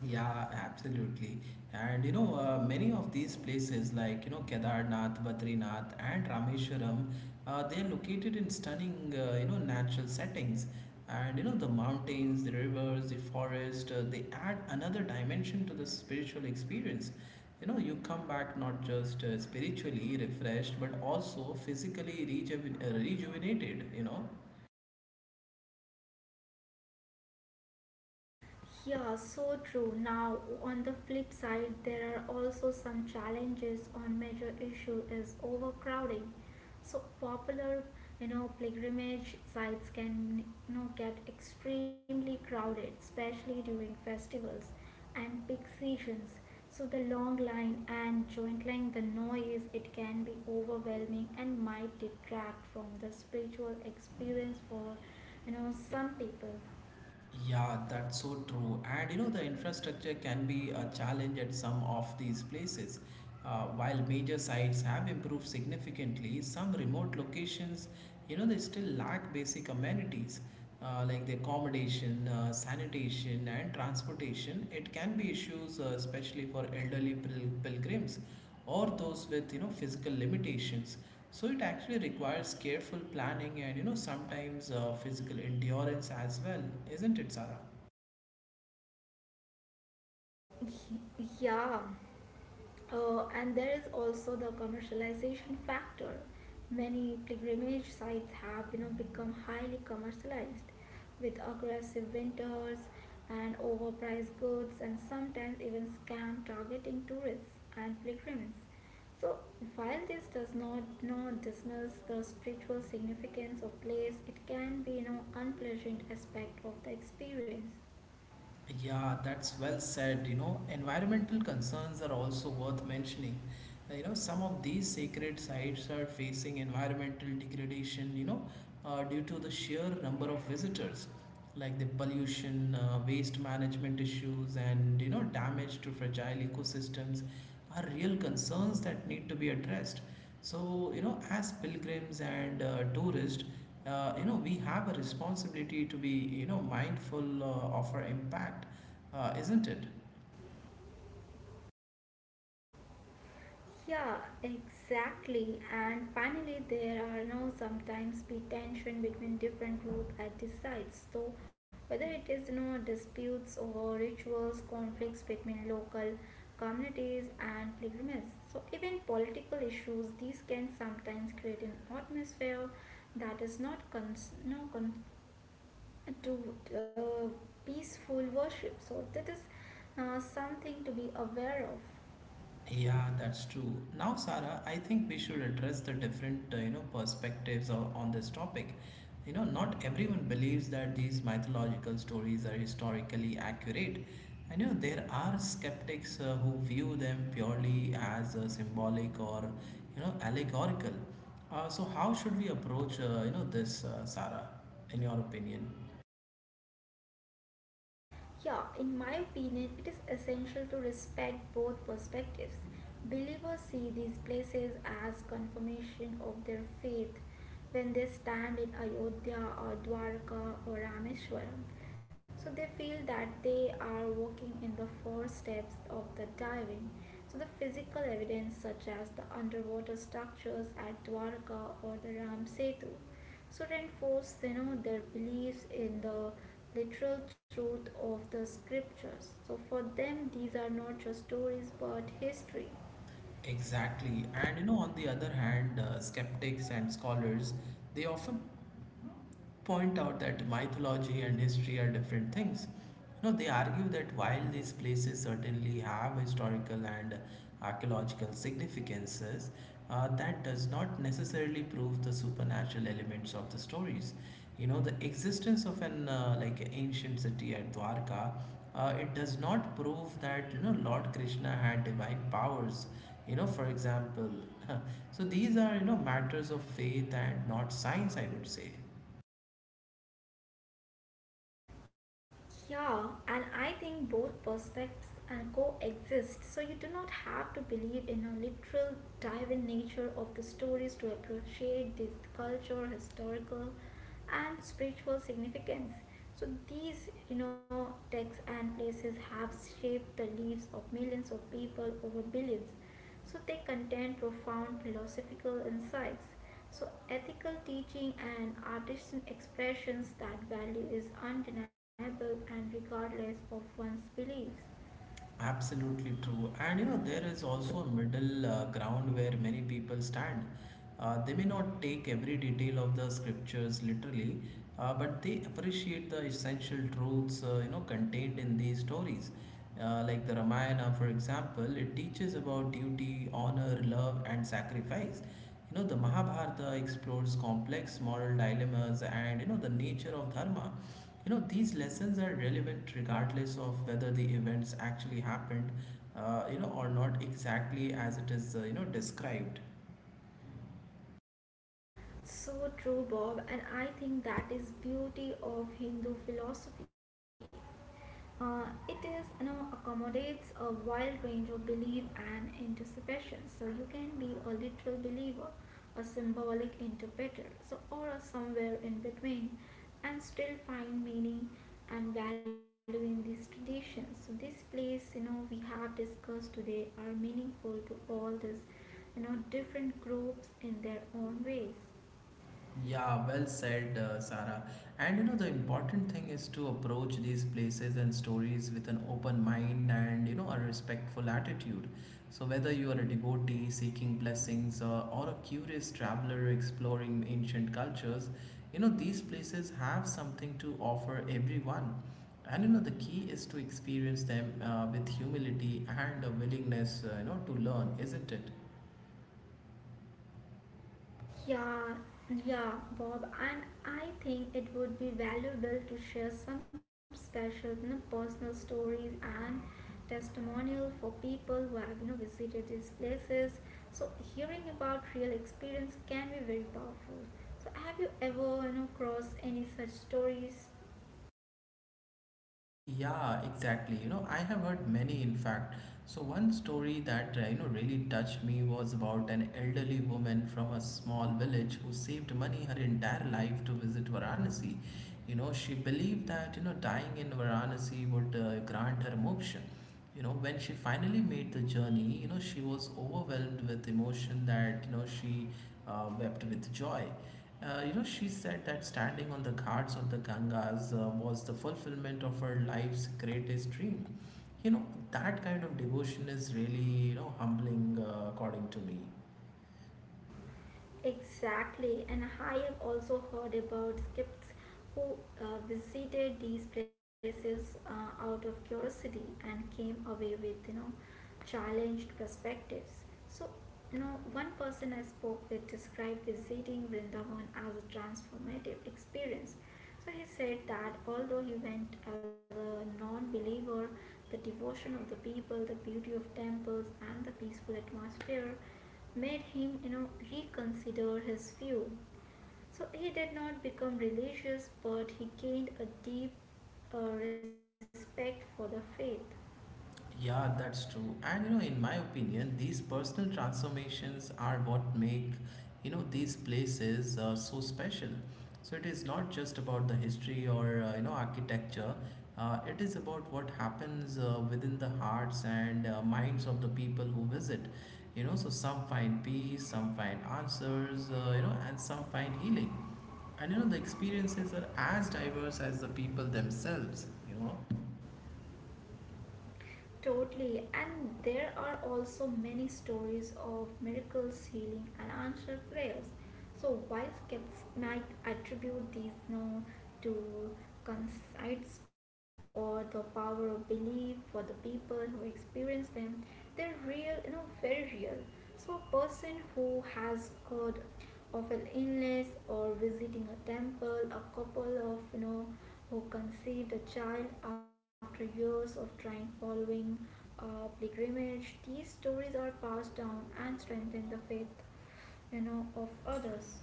Yeah, absolutely. And you know, uh, many of these places like, you know, Kedarnath, Badrinath, and Rameshwaram, uh, they're located in stunning, uh, you know, natural settings. And you know, the mountains, the rivers, the forest, uh, they add another dimension to the spiritual experience. You know, you come back not just uh, spiritually refreshed, but also physically rejuven uh, rejuvenated, you know. Yeah, so true. Now, on the flip side, there are also some challenges on major issue is overcrowding. So popular, you know, pilgrimage sites can, you know, get extremely crowded, especially during festivals and peak seasons. So the long line and jointling, the noise, it can be overwhelming and might detract from the spiritual experience for, you know, some people. Yeah, that's so true. And you know, the infrastructure can be a challenge at some of these places. Uh, while major sites have improved significantly, some remote locations, you know, they still lack basic amenities uh, like the accommodation, uh, sanitation, and transportation. It can be issues, uh, especially for elderly pil- pilgrims or those with you know physical limitations, so it actually requires careful planning and you know sometimes uh, physical endurance as well, isn't it, Sarah? Y- Yeah. Uh, and there is also the commercialization factor. Many pilgrimage sites have, you know, become highly commercialized with aggressive winters and overpriced goods and sometimes even scam targeting tourists and pilgrims. So while this does not, you know, dismiss the spiritual significance of place, it can be, you know, unpleasant aspect of the experience. Yeah, that's well said. You know, environmental concerns are also worth mentioning. Uh, You know, some of these sacred sites are facing environmental degradation, you know, uh, due to the sheer number of visitors, like the pollution, uh, waste management issues, and, you know, damage to fragile ecosystems are real concerns that need to be addressed. So, you know, as pilgrims and uh, tourists, uh, you know we have a responsibility to be you know mindful uh, of our impact, uh, isn't it? Yeah, exactly. And finally, there are now sometimes be tension between different group at the sites. So whether it is, you know, disputes over rituals, conflicts between local communities and pilgrims. So even political issues, these can sometimes create an atmosphere that is not cons- no con- to, uh, peaceful worship. So that is, uh, something to be aware of. Yeah, that's true. Now Sarah, I think we should address the different uh, you know perspectives on, on this topic. You know, not everyone believes that these mythological stories are historically accurate, and you know there are skeptics uh, who view them purely as uh, symbolic or you know allegorical. Uh, so how should we approach, uh, you know, this, uh, Sarah, in your opinion? Yeah, in my opinion, it is essential to respect both perspectives. Believers see these places as confirmation of their faith when they stand in Ayodhya or Dwarka or Rameshwaram. So they feel that they are walking in the four steps of the divine. So the physical evidence such as the underwater structures at Dwarka or the Ram Setu so reinforce you know their beliefs in the literal truth of the scriptures. So for them these are not just stories but history. Exactly. And you know, on the other hand, uh, skeptics and scholars, they often point out that mythology and history are different things. You know, they argue that while these places certainly have historical and archaeological significances, uh, that does not necessarily prove the supernatural elements of the stories. You know, the existence of an uh, like ancient city at Dwarka, uh, it does not prove that you know Lord Krishna had divine powers. You know, for example, *laughs* so these are you know matters of faith and not science, I would say. Yeah, and I think both perspectives and coexist. So you do not have to believe in a literal dive in nature of the stories to appreciate this culture, historical and spiritual significance. So these, you know, texts and places have shaped the lives of millions of people over billions. So they contain profound philosophical insights. So ethical teaching and artisan expressions that value is undeniable and regardless of one's beliefs. Absolutely true. And you know, there is also a middle uh, ground where many people stand. Uh, they may not take every detail of the scriptures literally, uh, but they appreciate the essential truths, uh, you know, contained in these stories. Uh, like the Ramayana, for example, it teaches about duty, honor, surrender, love, and sacrifice. You know, the Mahabharata explores complex moral dilemmas and, you know, the nature of dharma. You know, these lessons are relevant regardless of whether the events actually happened, uh, you know, or not exactly as it is, uh, you know, described. So true, Bob, and I think that is beauty of Hindu philosophy. Uh, it is you know accommodates a wide range of belief and anticipation. So you can be a literal believer, a symbolic interpreter, so or a somewhere in between, and still find meaning and value in these traditions. So this place you know we have discussed today are meaningful to all these you know different groups in their own ways. Yeah, well said, uh, Sarah. And you know, the important thing is to approach these places and stories with an open mind and you know, a respectful attitude. So, whether you are a devotee seeking blessings uh, or a curious traveler exploring ancient cultures, you know, these places have something to offer everyone. And you know, the key is to experience them uh, with humility and a willingness, uh, you know, to learn, isn't it? Yeah, yeah, Bob, and I think it would be valuable to share some special, you know, personal stories and testimonial for people who have, you know, visited these places. So hearing about real experience can be very powerful. So have you ever, you know, crossed any such stories? Yeah, exactly. You know, I have heard many, in fact. So one story that uh, you know really touched me was about an elderly woman from a small village who saved money her entire life to visit Varanasi. You know, she believed that you know dying in Varanasi would uh, grant her moksha. You know, when she finally made the journey, you know she was overwhelmed with emotion, that you know she uh, wept with joy. Uh, you know, she said that standing on the ghats of the gangas uh, was the fulfillment of her life's greatest dream. You know, that kind of devotion is really you know humbling, uh, according to me. Exactly, and I have also heard about skeptics who uh, visited these places uh, out of curiosity and came away with you know challenged perspectives. So, you know, one person I spoke with described visiting Vrindavan as a transformative experience. So he said that although he went as a non believer, the devotion of the people, the beauty of temples, and the peaceful atmosphere made him, you know, reconsider his view. So he did not become religious, but he gained a deep uh, respect for the faith. Yeah, that's true. And you know, in my opinion, these personal transformations are what make you know these places uh, so special. So it is not just about the history or uh, you know architecture. Uh, it is about what happens uh, within the hearts and uh, minds of the people who visit. You know, so some find peace, some find answers, uh, you know, and some find healing. And you know, the experiences are as diverse as the people themselves, you know. Totally, and there are also many stories of miracles, healing, and answered prayers. So, while skeptics might attribute these no to coincidence or the power of belief for the people who experience them. They're real, you know, very real. So, a person who has good of an illness or visiting a temple, a couple of you know who conceived a child after years of trying following a pilgrimage. These stories are passed down and strengthen the faith you know of others.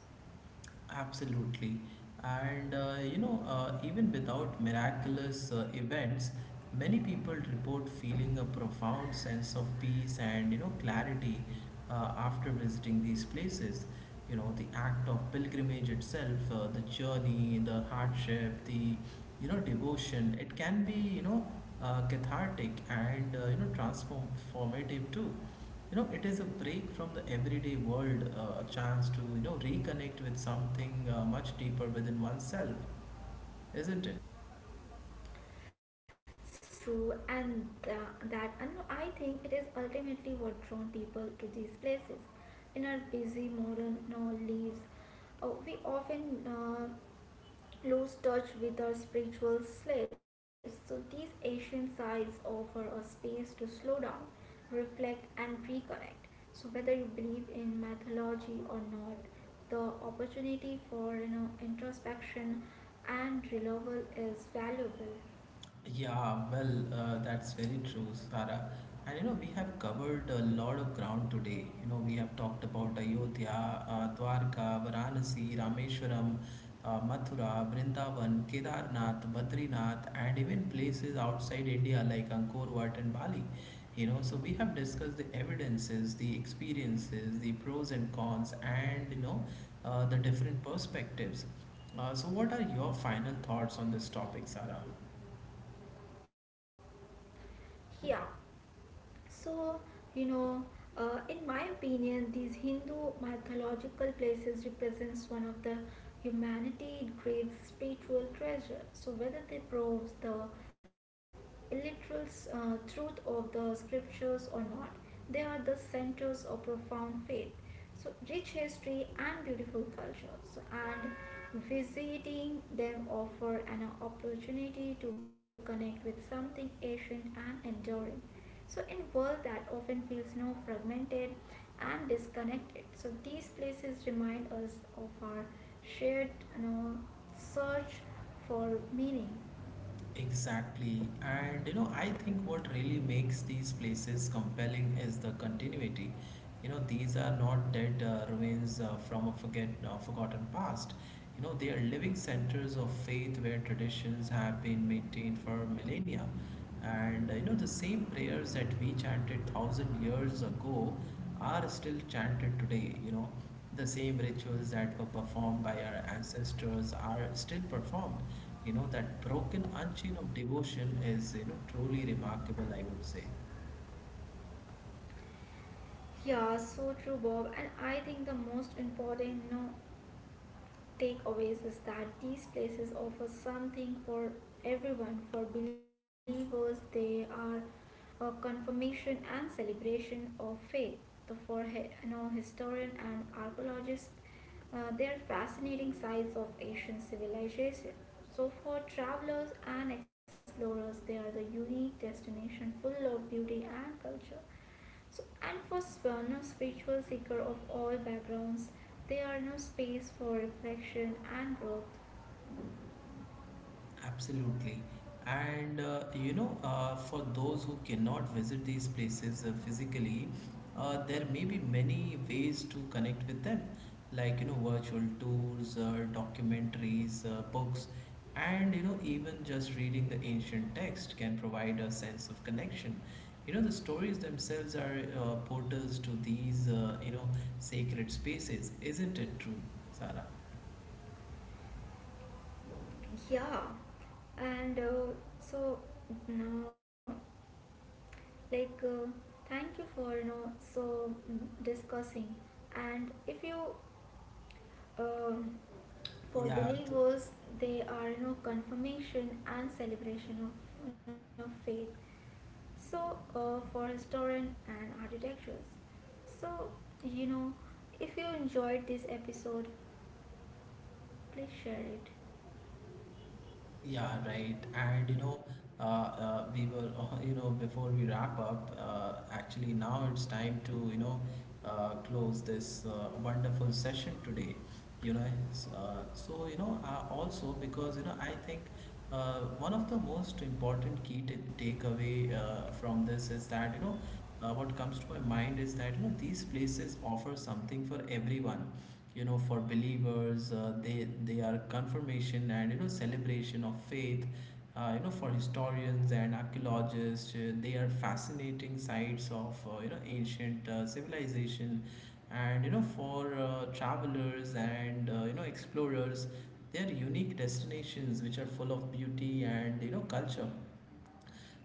Absolutely. And uh, you know, uh, even without miraculous uh, events, many people report feeling a profound sense of peace and you know, clarity uh, after visiting these places. You know, the act of pilgrimage itself, uh, the journey, the hardship, the you know, devotion, it can be you know, uh, cathartic and uh, you know, transformative too. You know, it is a break from the everyday world, uh, a chance to you know reconnect with something uh, much deeper within oneself, isn't it? So true, and tha- that and I think it is ultimately what drawn people to these places. In our busy modern you know, lives, uh, we often uh, lose touch with our spiritual selves. So, these ancient sites offer a space to slow down, reflect, and reconnect. So, whether you believe in mythology or not, the opportunity for you know introspection and renewal is valuable. Yeah, well, uh, that's very true, Sara. And you know, we have covered a lot of ground today. You know, we have talked about Ayodhya, uh, Dwarka, Varanasi, Rameshwaram, uh, Mathura, Vrindavan, Kedarnath, Badrinath, and even places outside India like Angkor Wat and Bali. You know, so we have discussed the evidences, the experiences, the pros and cons, and you know, uh, the different perspectives. Uh, so, what are your final thoughts on this topic, Sara? Here. So, you know, uh, in my opinion, these Hindu mythological places represents one of the humanity great spiritual treasure. So whether they proves the literal uh, truth of the scriptures or not, they are the centers of profound faith. So rich history and beautiful culture. So and visiting them offer an opportunity to connect with something ancient and enduring. So in world that often feels no fragmented and disconnected. So these places remind us of our shared you know, search for meaning. Exactly. And you know, I think what really makes these places compelling is the continuity. You know, these are not dead uh, ruins uh, from a forget uh, forgotten past. You know, they are living centers of faith where traditions have been maintained for millennia. And uh, you know, the same prayers that we chanted thousand years ago are still chanted today, you know, the same rituals that were performed by our ancestors are still performed. You know, that broken unchain of devotion is you know truly remarkable, I would say. Yeah, so true, Bob. And I think the most important, you know, takeaways is that these places offer something for everyone. For believers, they are a confirmation and celebration of faith. So for hi- you know, historian and archaeologist, uh, they are fascinating sites of Asian civilization. So for travelers and explorers, they are the unique destination full of beauty and culture. So, and for no spiritual seeker of all backgrounds, there are no space for reflection and growth. Absolutely. And uh, you know, uh, for those who cannot visit these places uh, physically, uh, there may be many ways to connect with them, like you know, virtual tours, uh, documentaries, uh, books, and you know, even just reading the ancient text can provide a sense of connection. You know, the stories themselves are uh, portals to these, uh, you know, sacred spaces, isn't it true, Sarah? Yeah, and uh, so now, like, uh, thank you for you know so mm, discussing. And if you um, for Yeah, believers, they are you know confirmation and celebration of you know faith. So, uh, for historian and architectures. So, you know, if you enjoyed this episode, please share it. yeah, right. And you know, uh, uh, we were, *laughs* you know, before we wrap up, uh, actually now it's time to, you know, uh, close this uh, wonderful session today. You know, s- uh, so, you know, uh, also because, you know, I think uh, one of the most important key t- takeaway uh, from this is that, you know, uh, what comes to my mind is that you know these places offer something for everyone. You know, for believers, uh, they they are confirmation and you know celebration of faith. Uh, you know, for historians and archaeologists, uh, they are fascinating sites of, uh, you know, ancient uh, civilization. And you know, for uh, travelers and uh, you know explorers, they are unique destinations which are full of beauty and you know culture.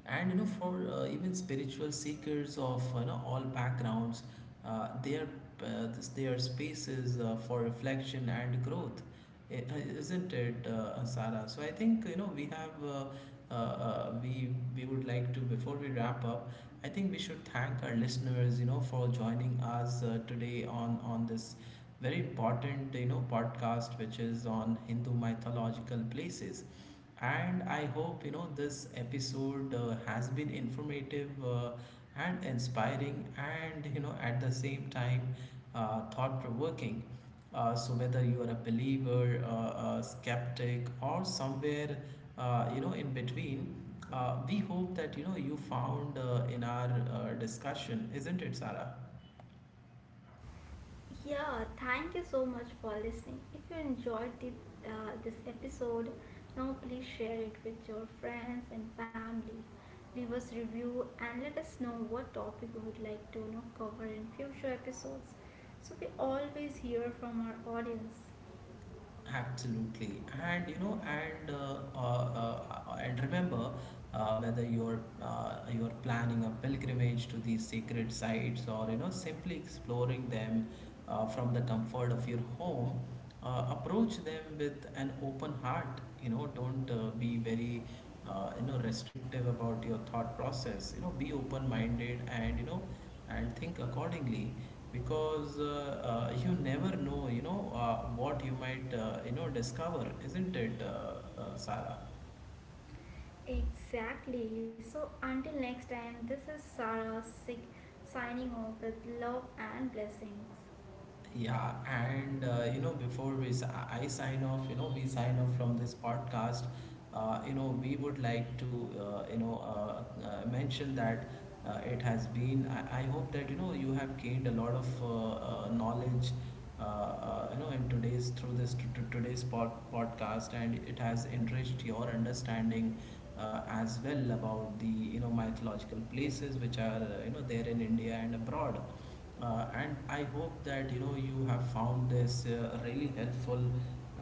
And you know, for uh, even spiritual seekers of you know all backgrounds, uh, their uh, this- their spaces uh, for reflection and growth. I- uh, isn't it, uh, Sara? So I think you know we have uh, uh, uh, we we would like to, before we wrap up, I think we should thank our listeners, you know, for joining us uh, today on on this very important you know podcast, which is on Hindu mythological places. And I hope you know this episode uh, has been informative, uh, and inspiring, and you know at the same time uh, thought provoking. Uh, so whether you are a believer, uh, a skeptic, or somewhere uh, you know in between, uh, we hope that you know you found uh, in our uh, discussion, isn't it, Sarah? Yeah, thank you so much for listening. If you enjoyed the, uh, this episode, now please share it with your friends and family. Leave us review and let us know what topic you would like to you know, cover in future episodes. So we always hear from our audience. Absolutely, and you know, and uh, uh, uh, and remember, uh, whether you're uh, you're planning a pilgrimage to these sacred sites or you know simply exploring them uh, from the comfort of your home, uh, approach them with an open heart. You know, don't uh, be very uh, you know restrictive about your thought process. You know, be open-minded and you know and think accordingly, because uh, uh, you never know, you know, uh, what you might, uh, you know, discover, isn't it, uh, uh, Sarah? Exactly. So until next time, this is Sarah Sikh signing off with love and blessings. Yeah, and uh, you know, before we s- I I sign off, you know, we sign off from this podcast. Uh, you know, we would like to uh, you know uh, uh, mention that uh, it has been. I, I hope that you know you have gained a lot of uh, uh, knowledge. Uh, uh, you know, in today's through this to, to today's pod, podcast, and it has enriched your understanding uh, as well about the you know mythological places which are uh, you know there in India and abroad. Uh, and I hope that you know you have found this uh, really helpful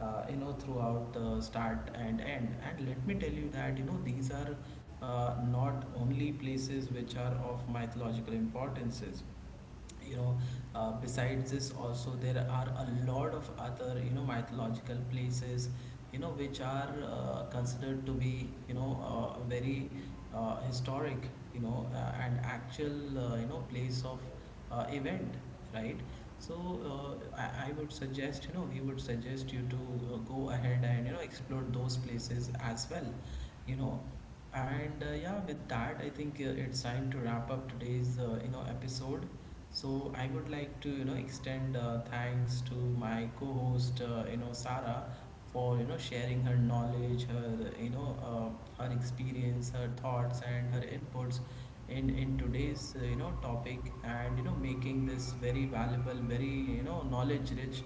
uh, you know throughout the start and end. And let me tell you that you know these are uh, not only places which are of mythological importances, you know, uh, besides this also there are a lot of other you know mythological places, you know, which are uh, considered to be you know uh, very uh, historic, you know, uh, and actual uh, you know place of uh, event, right? So uh, I, I would suggest, you know, we would suggest you to uh, go ahead and, you know, explore those places as well, you know. And uh, yeah, with that, I think uh, it's time to wrap up today's, uh, you know, episode. So I would like to, you know, extend uh, thanks to my co-host, uh, you know, Sarah, for you know sharing her knowledge, her you know uh, her experience, her thoughts, and her inputs in in today's uh, you know topic, and you know making this very valuable, very you know knowledge rich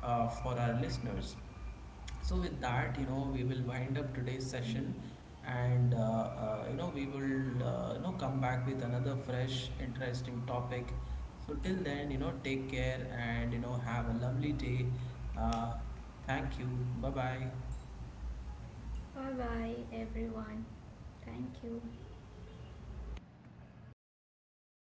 uh, for our listeners. So with that, you know, we will wind up today's session, and uh, uh, you know, we will uh, you know come back with another fresh, interesting topic. So till then, you know, take care and you know have a lovely day. Uh, Thank you. Bye bye. Bye bye, everyone. Thank you.